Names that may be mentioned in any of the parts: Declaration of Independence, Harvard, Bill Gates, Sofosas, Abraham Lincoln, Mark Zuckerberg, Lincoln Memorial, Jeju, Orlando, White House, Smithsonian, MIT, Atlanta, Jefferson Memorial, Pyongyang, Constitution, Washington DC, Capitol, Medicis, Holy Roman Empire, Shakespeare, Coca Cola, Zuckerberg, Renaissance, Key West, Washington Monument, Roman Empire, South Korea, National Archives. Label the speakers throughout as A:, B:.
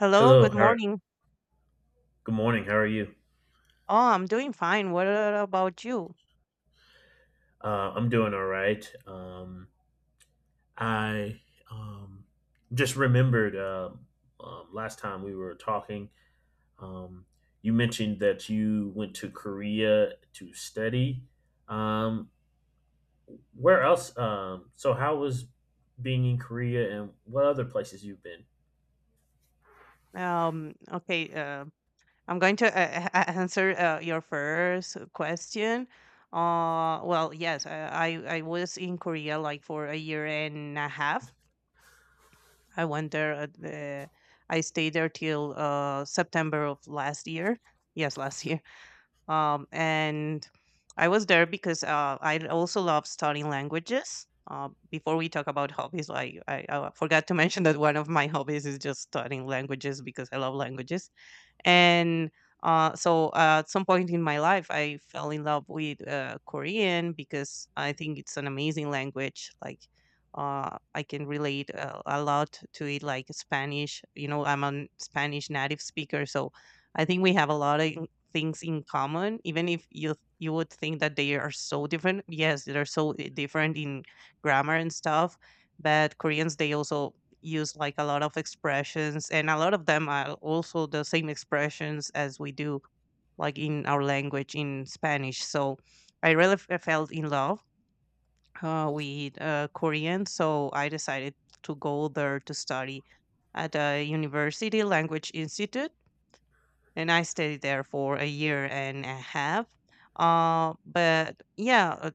A: Hello,
B: Hello,
A: good morning.
B: good morning. How are you?
A: Oh, I'm doing fine. What about you?
B: I'm doing all right. I um, just remembered last time we were talking, um, you mentioned that you went to Korea to study. Um, where else? So, how was being in Korea and what other places you've been?
A: Okay, I'm going to answer your first question. Well, yes, I was in Korea like for a year and a half. I went there. I stayed there till September of last year. Yes, last year. And I was there because I also love studying languages. Before we talk about hobbies, I forgot to mention that one of my hobbies is just studying languages, because I love languages, and so at some point in my life, I fell in love with Korean, because I think it's an amazing language. Like, I can relate a lot to it, like Spanish. You know, I'm a Spanish native speaker, so I think we have a lot of things in common, even if you would think that they are so different. Yes, they're so different in grammar and stuff. But Koreans, they also use like a lot of expressions, and a lot of them are also the same expressions as we do, like in our language, in Spanish. So I really f- I felt in love with Korean, so I decided to go there to study at a university language institute, and I stayed there for a year and a half. But yeah,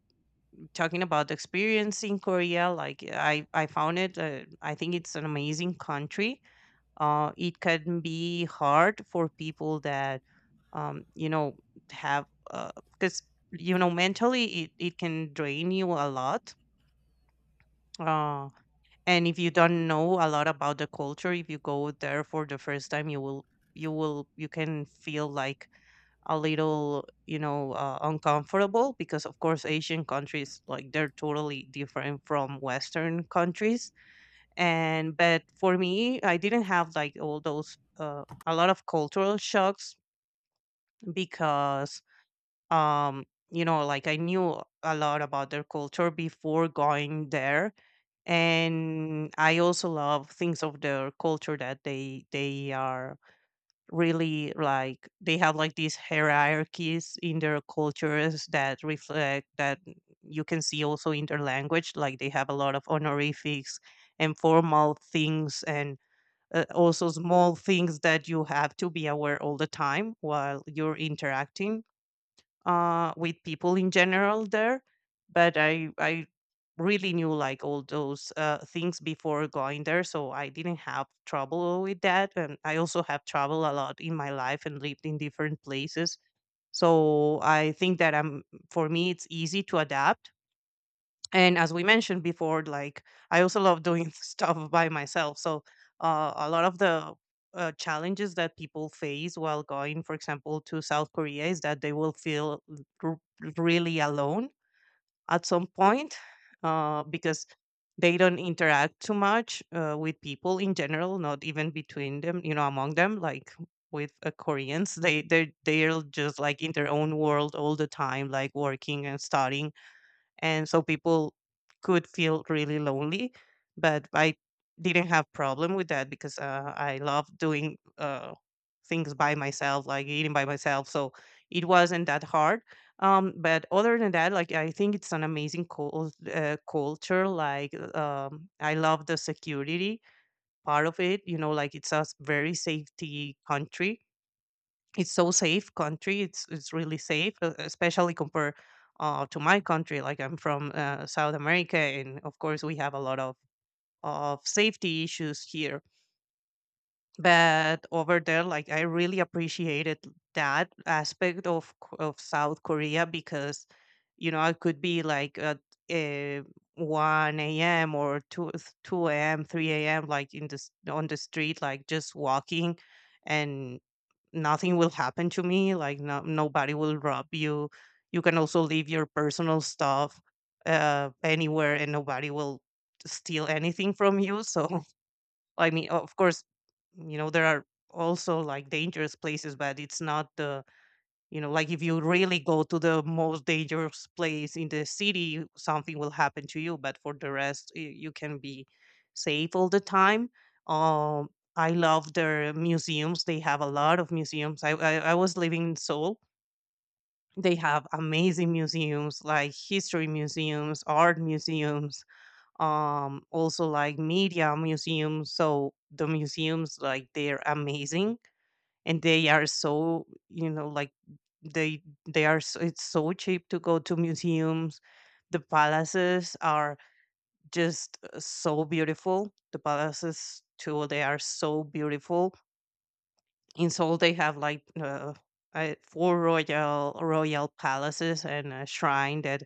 A: talking about the experience in Korea, like, I found it. I think it's an amazing country. It can be hard for people that, you know, have, because, you know, mentally, it can drain you a lot. uh, and if you don't know a lot about the culture, if you go there for the first time, you can feel like a little, you know, uncomfortable, because of course Asian countries, like, they're totally different from Western countries. And but for me, I didn't have like all those a lot of cultural shocks, because, um you know, like, I knew a lot about their culture before going there. And I also love things of their culture that they are really, like, they have like these hierarchies in their cultures, that reflect that you can see also in their language, like they have a lot of honorifics and formal things. And also small things that you have to be aware all the time while you're interacting with people in general there. But I really knew like all those things before going there, so I didn't have trouble with that. And I also have traveled a lot in my life and lived in different places, so I think that, I'm for me, it's easy to adapt. And as we mentioned before, like, I also love doing stuff by myself. So, a lot of the challenges that people face while going, for example, to South Korea is that they will feel r- really alone at some point. Because they don't interact too much with people in general, not even between them, you know, among them, like with Koreans. They're just like in their own world all the time, like working and studying. And so people could feel really lonely. But I didn't have problem with that, because I love doing things by myself, like eating by myself, so it wasn't that hard. But other than that, like, I think it's an amazing culture. Like, I love the security part of it. You know, like, it's a very safety country. It's so safe country. It's really safe, especially compared to my country. Like, I'm from South America, and of course we have a lot of safety issues here. But over there, like, I really appreciated that aspect of of South Korea, because, you know, I could be like at uh, 1 a.m. or 2 a.m., 3 a.m., like in this, on the street, like just walking. And nothing will happen to me, like no, nobody will rob you. You can also leave your personal stuff anywhere, and nobody will steal anything from you. So I mean, of course, you know, there are also like dangerous places, but it's not the, you know, like, if you really go to the most dangerous place in the city, something will happen to you. But for the rest, you can be safe all the time. Um, I love their museums. They have a lot of museums. I was living in Seoul. They have amazing museums, like history museums, art museums, also like media museums. So the museums, like, they're amazing, and they are so, you know, like, they they are so, it's so cheap to go to museums. The palaces are just so beautiful. The palaces too, they are so beautiful. In Seoul, they have like four royal palaces and a shrine, that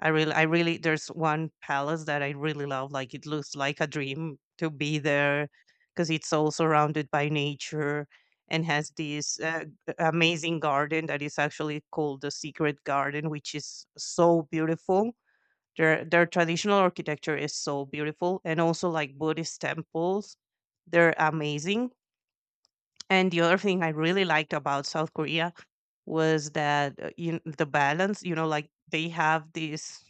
A: there's one palace that I really love. Like, it looks like a dream to be there, because it's all surrounded by nature and has this amazing garden that is actually called the Secret Garden, which is so beautiful. Their traditional architecture is so beautiful, and also like Buddhist temples, they're amazing. And the other thing I really liked about South Korea was that, in the balance, you know, like, they have this.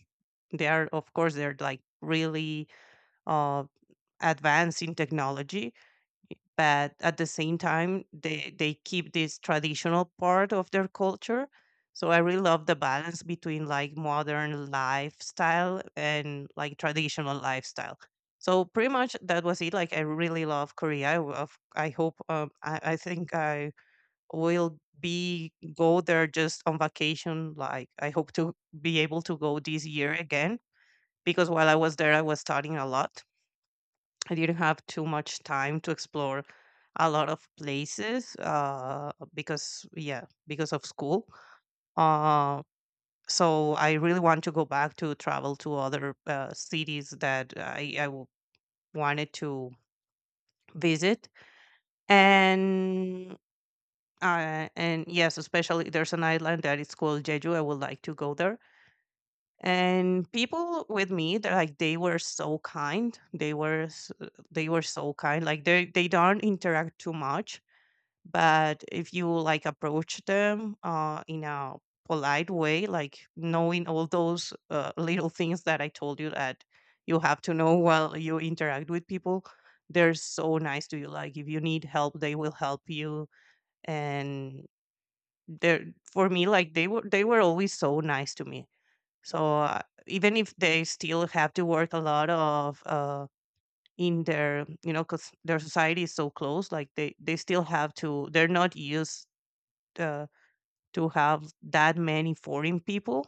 A: They are, of course, they're like really uh advanced in technology, but at the same time, they keep this traditional part of their culture. So I really love the balance between like modern lifestyle and like traditional lifestyle. So pretty much that was it. Like, I really love Korea. I hope, I think I will be go there just on vacation, like I hope to be able to go this year again. Because while I was there, I was studying a lot. I didn't have too much time to explore a lot of places because, yeah, because of school. uh, so I really want to go back to travel to other cities that I wanted to visit. And Uh, and yes, especially there's an island that is called Jeju. I would like to go there. And people with me, they're like, they were so kind. They were so kind. Like, they don't interact too much, but if you like approach them in a polite way, like knowing all those little things that I told you that you have to know while you interact with people, they're so nice to you. Like, if you need help, they will help you, and they're, for me, like, they were always so nice to me. So, even if they still have to work a lot of, in their, you know, because their society is so closed, like, they still have to, they're not used, uh, to have that many foreign people.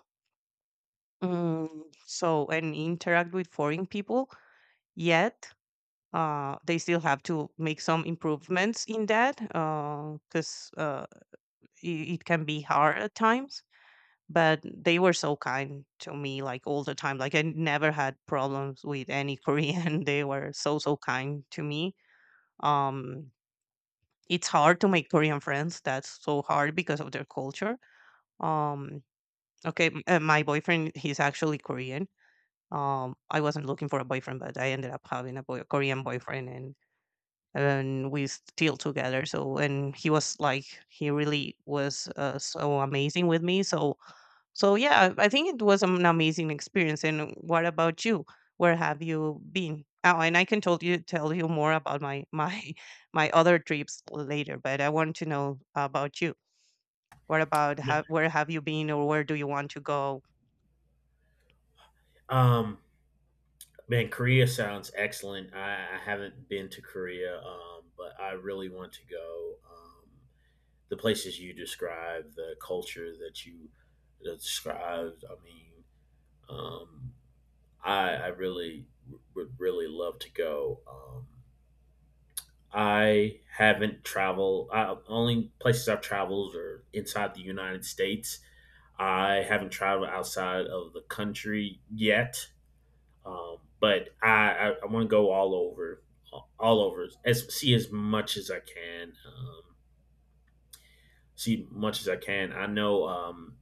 A: So, and interact with foreign people yet, they still have to make some improvements in that, because it can be hard at times. But they were so kind to me, like all the time. Like, I never had problems with any Korean. They were so kind to me. um it's hard to make Korean friends. That's so hard, because of their culture. um okay, my boyfriend, he's actually Korean. I wasn't looking for a boyfriend, but I ended up having a Korean boyfriend, and we still together. So, and he was like, he really was so amazing with me. So, so yeah, I think it was an amazing experience. And what about you? Where have you been? Oh, and I can tell you more about my my other trips later. But I want to know about you.
B: Yeah.
A: Where have you been, or where do you want to go?
B: Um, Man, Korea sounds excellent. I haven't been to Korea, but I really want to go. The places you described, the culture that you described. I mean, um, I really would really love to go. I haven't traveled. Only places I've traveled are inside the United States. I haven't traveled outside of the country yet, but I want to go all over, as see as much as I can, see much as I can. I know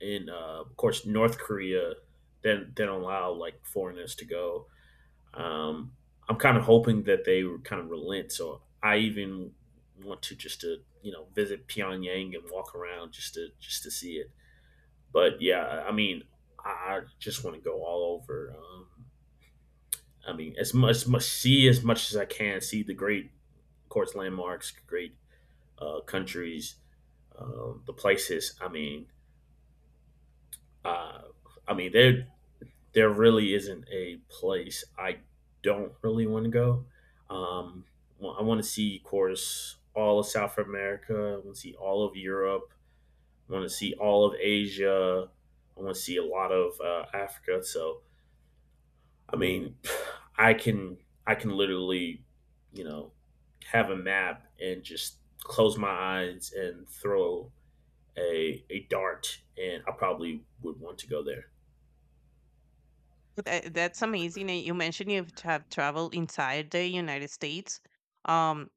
B: in of course North Korea then allow like foreigners to go. Um, I'm kind of hoping that they kind of relent. So I even want to just to visit Pyongyang and walk around just to see it. But yeah, I mean, I, just want to go all over. I mean, as much see as much as I can. See the great, of course, landmarks, great countries, the places. Uh, I mean, there really isn't a place I don't really want to go. Um, I want to see, of course, all of South America. I want to see all of Europe. I want to see all of Asia. I want to see a lot of Africa. So, I mean, I can I can literally, you know, have a map and just close my eyes and throw a dart, and I probably would want to go there.
A: That's amazing. And you mentioned you have traveled inside the United States. Um,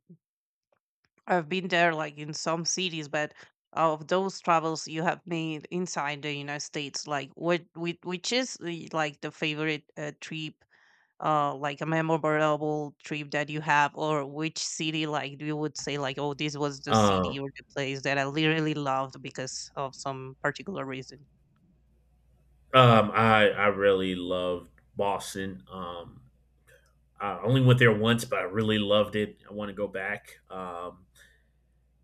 A: I've been there like in some cities, but of those travels you have made inside the United States, like, which is the, like, the favorite trip, like a memorable trip that you have, or which city like you would say like, oh, this was the city
B: Um,
A: or the place that I literally loved because of some particular reason.
B: I really loved Boston. I only went there once, but I really loved it. I want to go back.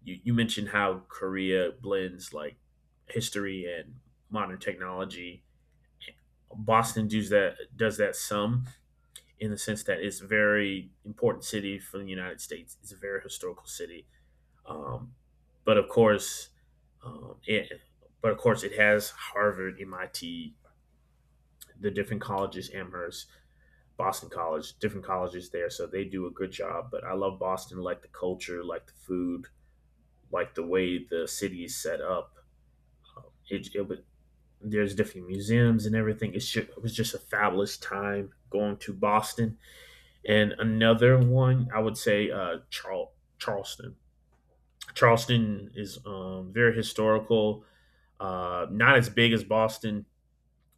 B: You mentioned how Korea blends like history and modern technology. Boston does that some in the sense that it's a very important city for the United States. It's a very historical city. Um, but of course, um, it but of course it has Harvard, MIT, the different colleges, Amherst Boston College, different colleges there, so they do a good job. But I love Boston, like the culture, like the food, like the way the city is set up. It, it was, there's different museums and everything. It was just a fabulous time going to Boston. And another one, I would say, Charleston. Charleston is very historical, not as big as Boston.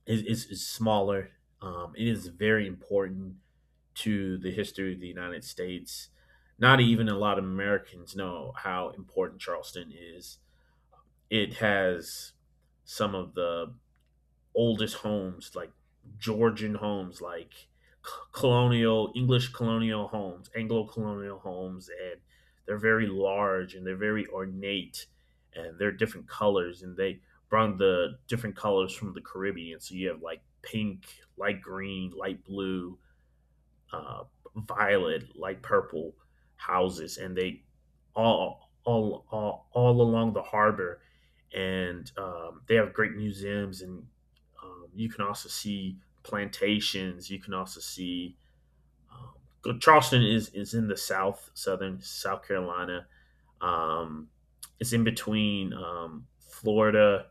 B: It's smaller. It is very important to the history of the United States. Not even a lot of Americans know how important Charleston is. It has some of the oldest homes, like Georgian homes, like colonial English colonial homes, Anglo colonial homes, and they're very large and they're very ornate and they're different colors and they brought the different colors from the Caribbean. So you have like pink, light green, light blue, uh, violet, like purple houses, and they all along the harbor, and they have great museums, and you can also see plantations. You can also see Charleston is in the south, southern South Carolina. Um, it's in between Florida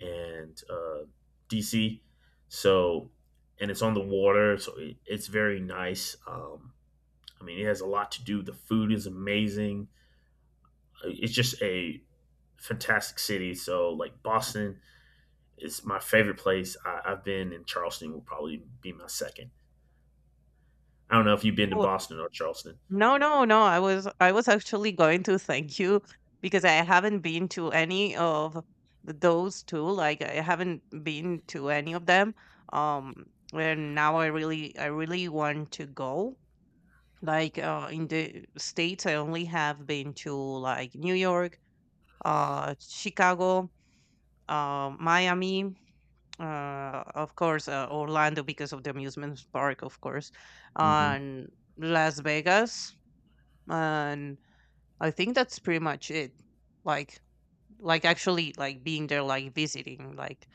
B: and DC, so and it's on the water, so it's very nice. I mean, it has a lot to do. The food is amazing. It's just a fantastic city. So, like, Boston is my favorite place I've been, and Charleston will probably be my second. I don't know if you've been to Boston or Charleston.
A: No, no, no. I was actually going to thank you, because I haven't been to any of those two. Like, I haven't been to any of them. Um, and now I really want to go. Like, in the states, I only have been to like New York, Chicago, Miami. Of course, Orlando because of the amusement park, of course,
B: Mm-hmm.
A: and Las Vegas, and I think that's pretty much it. Like like, actually, like being there, like visiting, like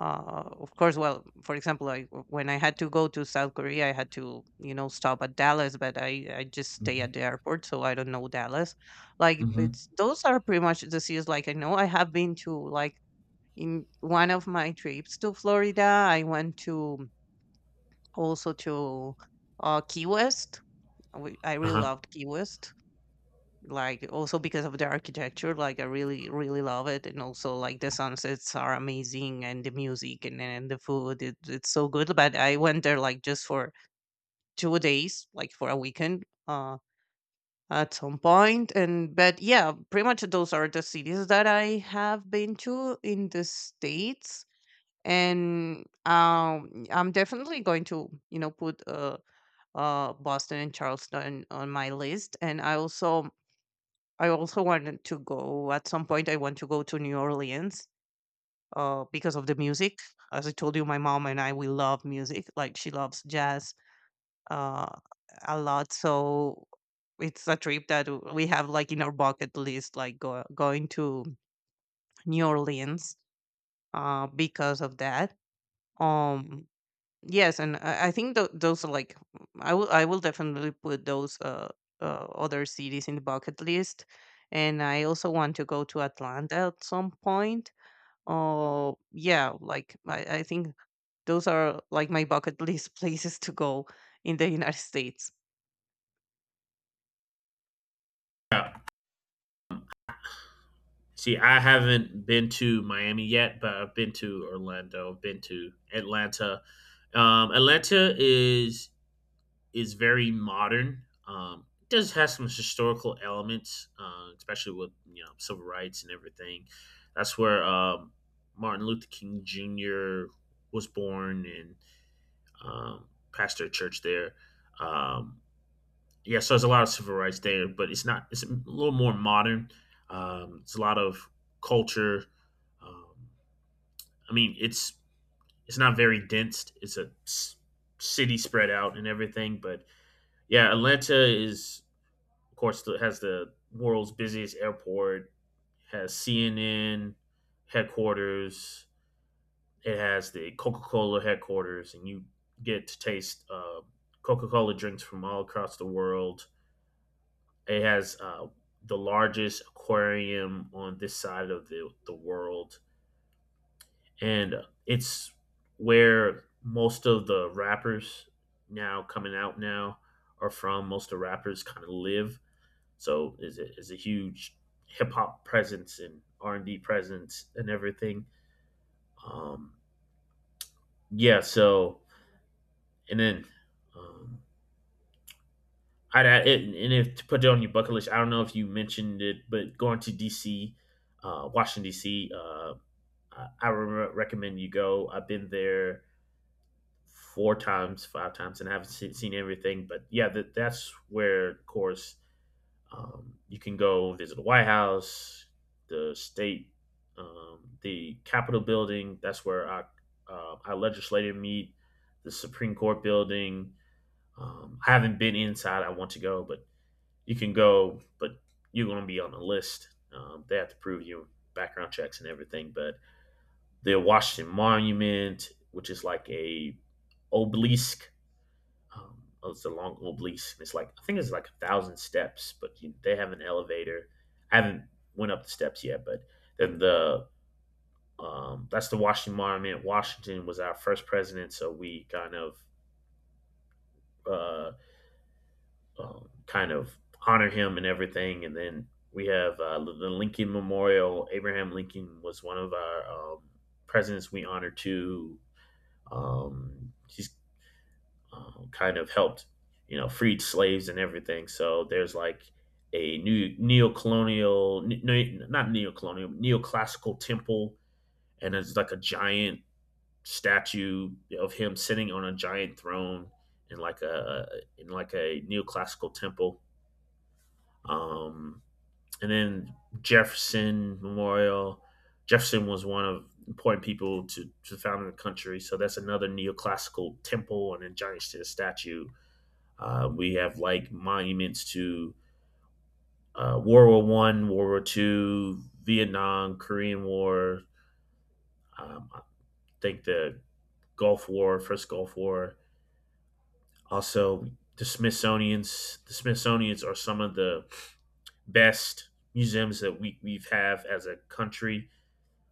A: of course, well, for example, like when I had to go to South Korea, I had to, you know, stop at Dallas, but I just stay
B: Mm-hmm.
A: at the airport, so I don't know Dallas. Like,
B: Mm-hmm.
A: it's, those are pretty much the cities, like, I know I have been to. Like, in one of my trips to Florida, I went to, also to, Key West. I really
B: Uh-huh.
A: loved Key West, like, also because of the architecture, like, I really really love it, and also, like, the sunsets are amazing, and the music, and the food, it's so good, but I went there like just for 2 days, like for a weekend, at some point. And but yeah, pretty much those are the cities that I have been to in the states. And I'm definitely going to, you know, put Boston and Charleston on my list, and I also wanted to go at some point. I want to go to New Orleans because of the music. As I told you, my mom and I, we love music. Like, she loves jazz uh, a lot. So it's a trip that we have, like, in our bucket list, like, going to New Orleans, because of that. Um, Yes, and I think those are like, I will definitely put those other cities in the bucket list, and I also want to go to Atlanta at some point. Oh yeah, like, I think those are, like, my bucket list places to go in the United States.
B: Yeah. See, I haven't been to Miami yet, but I've been to Orlando, I've been to Atlanta. Atlanta is very modern. It does have some historical elements, especially with you know civil rights and everything. That's where Martin Luther King Jr. was born and pastor a church there. Um, yeah, so there's a lot of civil rights there, but it's not. It's a little more modern. It's a lot of culture. Um, I mean, it's not very dense. City spread out and everything, but yeah, Atlanta is. Of course, it has the world's busiest airport, has CNN headquarters, it has the Coca Cola headquarters, and you get to taste Coca Cola drinks from all across the world. It has the largest aquarium on this side of the world, and it's where most of the rappers now coming out now are from. Most of the rappers kind of live. So is it is a huge hip hop presence and R&B presence and everything. Um, yeah. So and then um, I'd add, and if to put it on your bucket list, I don't know if you mentioned it, but going to DC, Washington DC, recommend you go. I've been there four times, five times, and I haven't seen everything. But yeah, that's where, of course. You can go visit the White House, the state, the Capitol building. That's where our legislative meet, the Supreme Court building. I haven't been inside. I want to go, but you can go, but you're going to be on the list. They have to prove you background checks and everything. But the Washington Monument, which is like a obelisk. Oh, it's a long oblique. It's like I think it's like 1,000 steps, but they have an elevator. I haven't went up the steps yet, but then the that's the Washington Monument. Washington was our first president, so we uh, kind of honor him and everything. And then we have the Lincoln Memorial. Abraham Lincoln was one of our presidents we honor too. He's kind of helped, you know, freed slaves and everything. So there's like a new neo-colonial, not neo-colonial, neoclassical temple, and it's like a giant statue of him sitting on a giant throne in like a in like a neoclassical temple. Um, and then Jefferson Memorial. Jefferson was one of important people to founding the country. So that's another neoclassical temple and a giant statue. We have like monuments to World War I, World War II, Vietnam, Korean War. I think the Gulf War, first Gulf War. Also, the Smithsonian's. The Smithsonian's are some of the best museums that we've have as a country.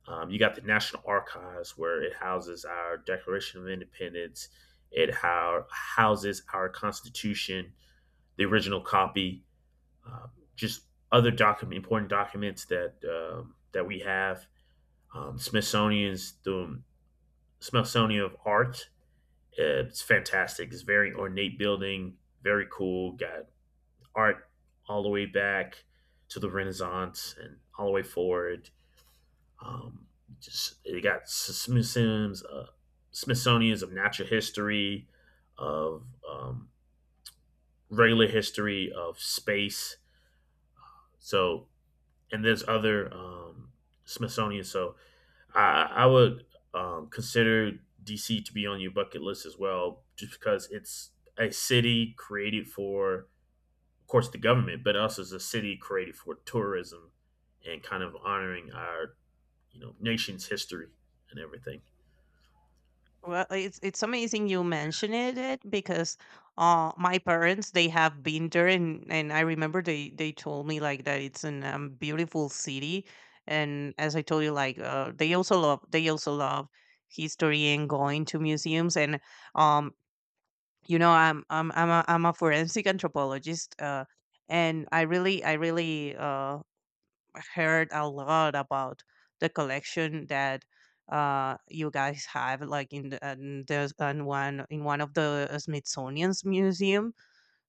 B: You got the National Archives, where it houses our Declaration of Independence. Houses our Constitution, the original copy. Just other document important documents that that we have. Smithsonian's the Smithsonian of Art. It's fantastic. It's very ornate building, very cool. Got art all the way back to the Renaissance and all the way forward. Um, just it got Smithsonian's Smithsonian's of natural history, of regular history, of space. So and there's other Smithsonian. So I would consider DC to be on your bucket list as well, just because it's a city created for, of course, the government, but also it's a city created for tourism and kind of honoring our, you know, nation's history and everything.
A: Well, it's amazing you mentioned it, because my parents, they have been there, and I remember they told me, like, that it's an beautiful city, and as I told you, like, they also love, history, and going to museums, and um you know, I'm a forensic anthropologist, and I really, heard a lot about the collection that, you guys have, like, in the, and there's, and one in one of the Smithsonian's museum.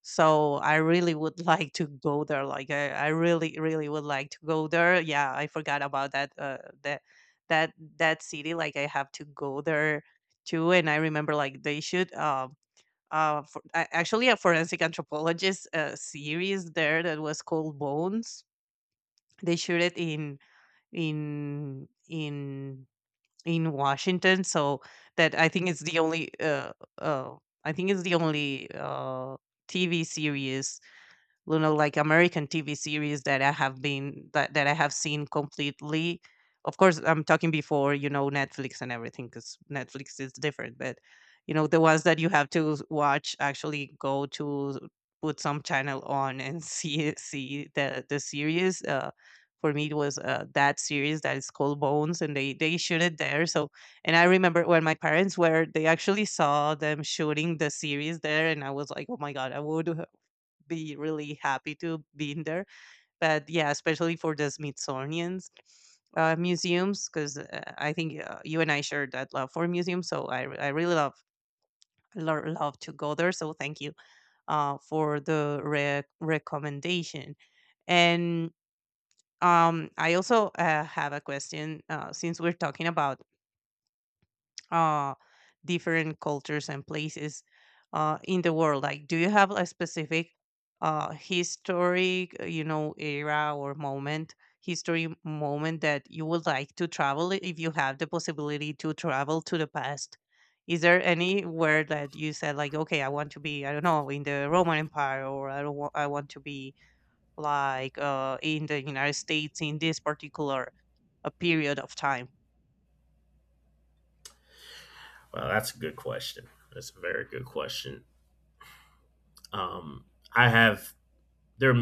A: So I really would like to go there, like, I really really would like to go there. Yeah, I forgot about that, that city, like, I have to go there too. And I remember, like, they should, actually, a forensic anthropologist series there that was called Bones. They shoot it in in in Washington. So that, I think it's the only, uh I think it's the only TV series, you know, like American TV series, that I have been, that, that I have seen completely. Of course, I'm talking before, you know, Netflix and everything, because Netflix is different, but, you know, the ones that you have to watch, actually go to put some channel on and see the series. For me, it was, that series that is called Bones, and they shoot it there. So, and I remember when my parents were they actually saw them shooting the series there, and I was like, oh my god, I would be really happy to be in there. But yeah, especially for the Smithsonian's museums, because, I think, you and I share that love for museums. So I, I really love love to go there. So thank you for the recommendation. And I also have a question, since we're talking about, uh, different cultures and places, in the world. Like, do you have a specific, historic, you know, era or moment, history moment, that you would like to travel if you have the possibility to travel to the past? Is there anywhere that you said like, okay, I want to be, I don't know, in the Roman Empire, or I don't, wa- I want to be, like, in the United States in this particular period of time?
B: Wow, that's a good question. That's a very good question. Um, I have there.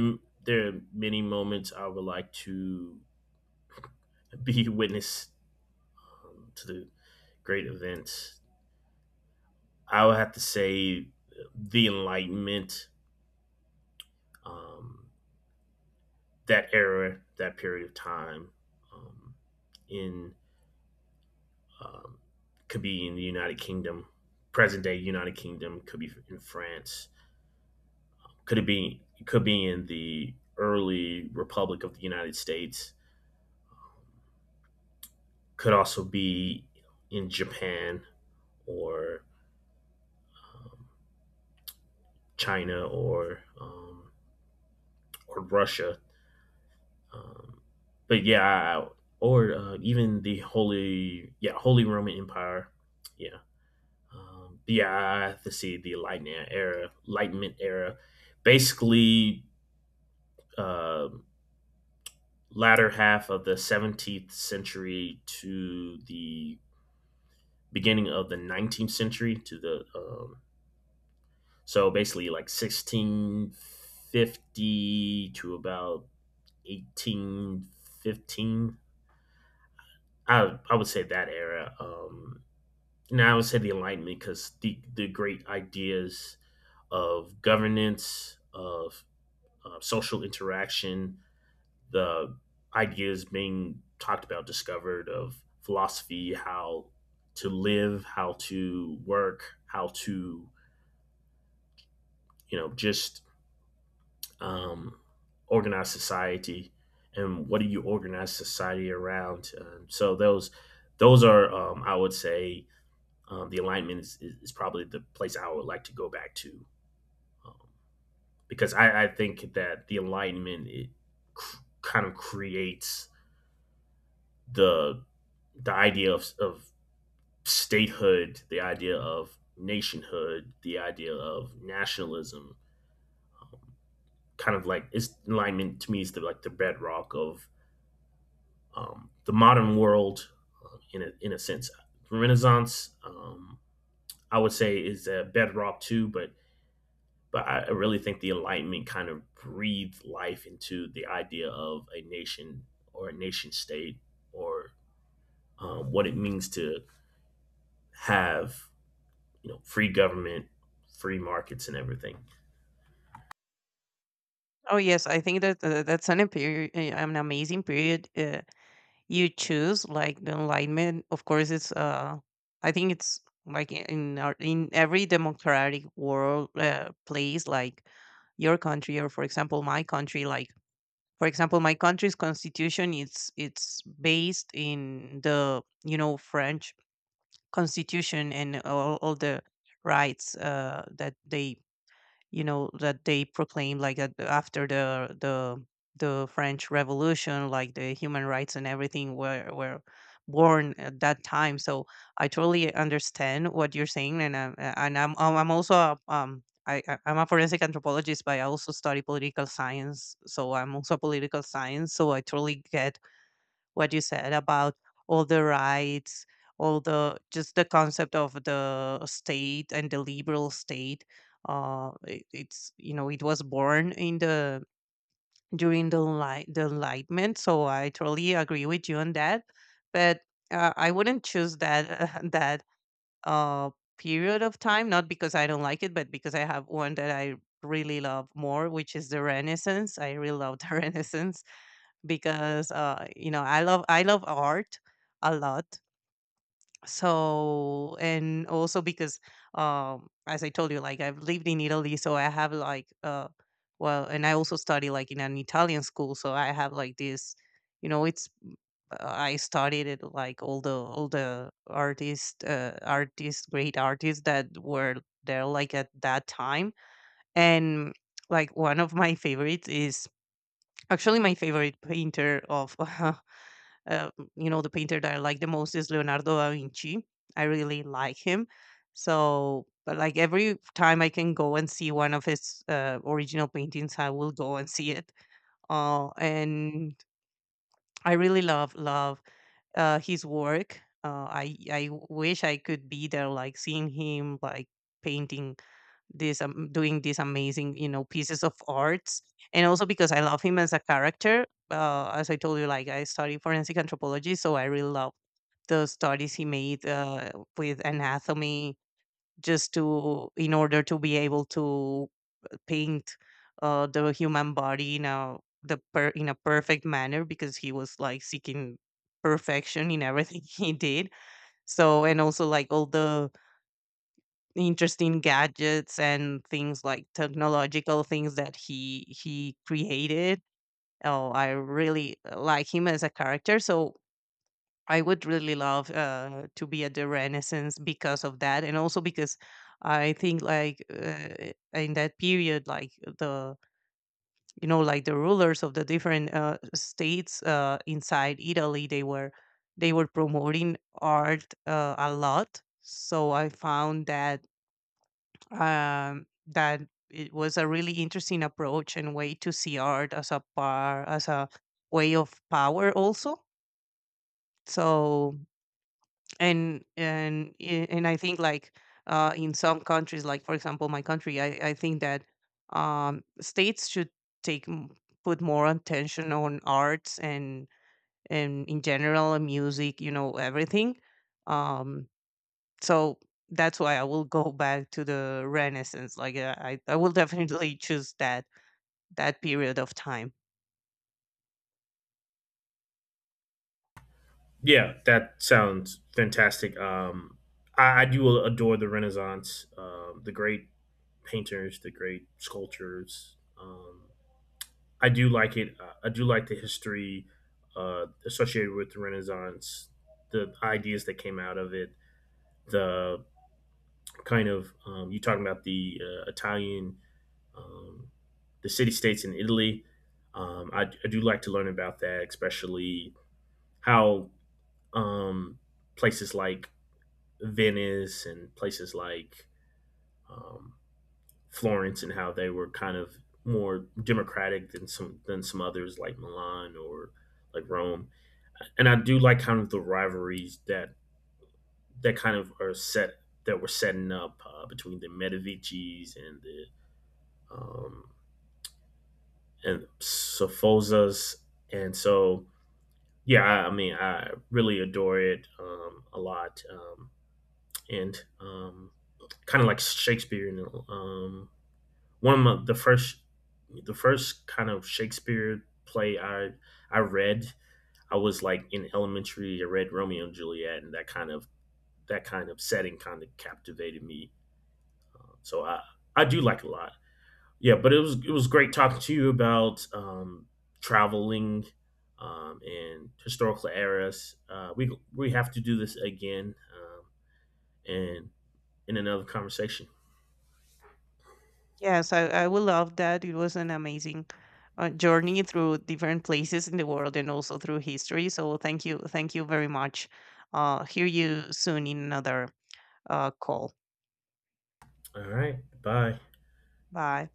B: There are many moments I would like to be witness to the great events. I would have to say the Enlightenment, um, that era, that period of time um, in um, could be in the United Kingdom, present day United Kingdom, could be in France, could be in the early Republic of the United States, could also be in Japan or um, China or Russia, Um, but yeah, I- or even the Holy, yeah, Holy Roman Empire. Yeah, yeah, I have to see the Enlightenment era. Enlightenment era, basically, uh, latter half of the 17th century to the beginning of the 19th century to the so basically like 1650 to about 1815. I would say that era. Now I would say the Enlightenment because the great ideas of governance, of social interaction, the ideas being talked about, discovered of philosophy, how to live, how to work, how to you know just um, organize society, and what do you organize society around? So those are I would say the alignment is probably the place I would like to go back to, um, because I think that the alignment it kind of creates the the idea of statehood, the idea of nationhood, the idea of nationalism. Um, Kind of like it's alignment to me is like the bedrock of the modern world in a sense. Renaissance, I would say, is a bedrock too, but I really think the Enlightenment kind of breathed life into the idea of a nation or a nation state or what it means to have you know free government, free markets, and everything.
A: Oh yes, I think that, that's an an amazing period, you choose. Like the Enlightenment, of course, it's, I think it's, like, in our, in every democratic world place, like your country, or, for example, my country. Like, for example, my country's constitution, it's based in the, you know, French constitution, and all the rights, that they, you know, that they proclaim, like, after the French Revolution, like the human rights and everything, were born at that time. So I totally understand what you're saying, and I'm, and I'm also a forensic anthropologist, but I also study political science, so I'm also a political science. So I totally get what you said about all the rights, all the, just the concept of the state and the liberal state. It, it's you know, it was born in the, during the Enlightenment. So I totally agree with you on that, but, I wouldn't choose that that uh period of time, not because I don't like it, but because I have one that I really love more, which is the Renaissance. I really love the Renaissance, because, you know, I love, art a lot. So, and also because, as I told you, like, I've lived in Italy, so I have like, well, and I also study like in an Italian school, so I have like this, you know, it's, I studied it, like, all the artists, great artists that were there, like, at that time, and like one of my favorites is actually my favorite painter of uh, you know, the painter that I like the most is Leonardo da Vinci. I really like him. So, but like, every time I can go and see one of his original paintings, I will go and see it, and I really love his work. I wish I could be there, like, seeing him like painting this doing these amazing, you know, pieces of arts. And also because I love him as a character, as I told you, like, I study forensic anthropology, so I really love the studies he made, with anatomy, just to in order to be able to paint, the human body, in a perfect manner, because he was like seeking perfection in everything he did. So, and also like all the interesting gadgets and things, like technological things that he created. Oh, I really, like him as a character. So I would really love, to be at the Renaissance because of that, and also because I think, like, in that period, like, the, you know, like the rulers of the different states inside Italy, they were promoting art a lot. So I found that, that it was a really interesting approach and way to see art as a, par as a way of power also. So, and I think, like, in some countries, like, for example, my country, I think that, states should take m- put more attention on arts, and in general, music, you know, everything. um so that's why I will go back to the Renaissance. I will definitely choose that that period of time.
B: Yeah, that sounds fantastic. I do adore the Renaissance, the great painters, the great sculptors. I do like it. I do like the history associated with the Renaissance, the ideas that came out of it, the kind of you talking about the Italian, um, the city states in Italy. I do like to learn about that, especially how um, places like Venice and places like um, Florence and how they were kind of more democratic than some others like Milan or like Rome. And I do like kind of the rivalries that kind of are set that were setting up between the Medicis and the um, and Sofosas. And so, yeah, I mean, I really adore it a lot. And kind of like Shakespeare, you know, the first kind of Shakespeare play I read. I was like in elementary. I read Romeo and Juliet, and that kind of setting kind of captivated me. So I do like it a lot. Yeah, but it was great talking to you about traveling and historical eras. We have to do this again, and in another conversation.
A: Yes, I will love that. It was an amazing journey through different places in the world, and also through history. So thank you very much. Hear you soon in another call.
B: All right, bye.
A: Bye.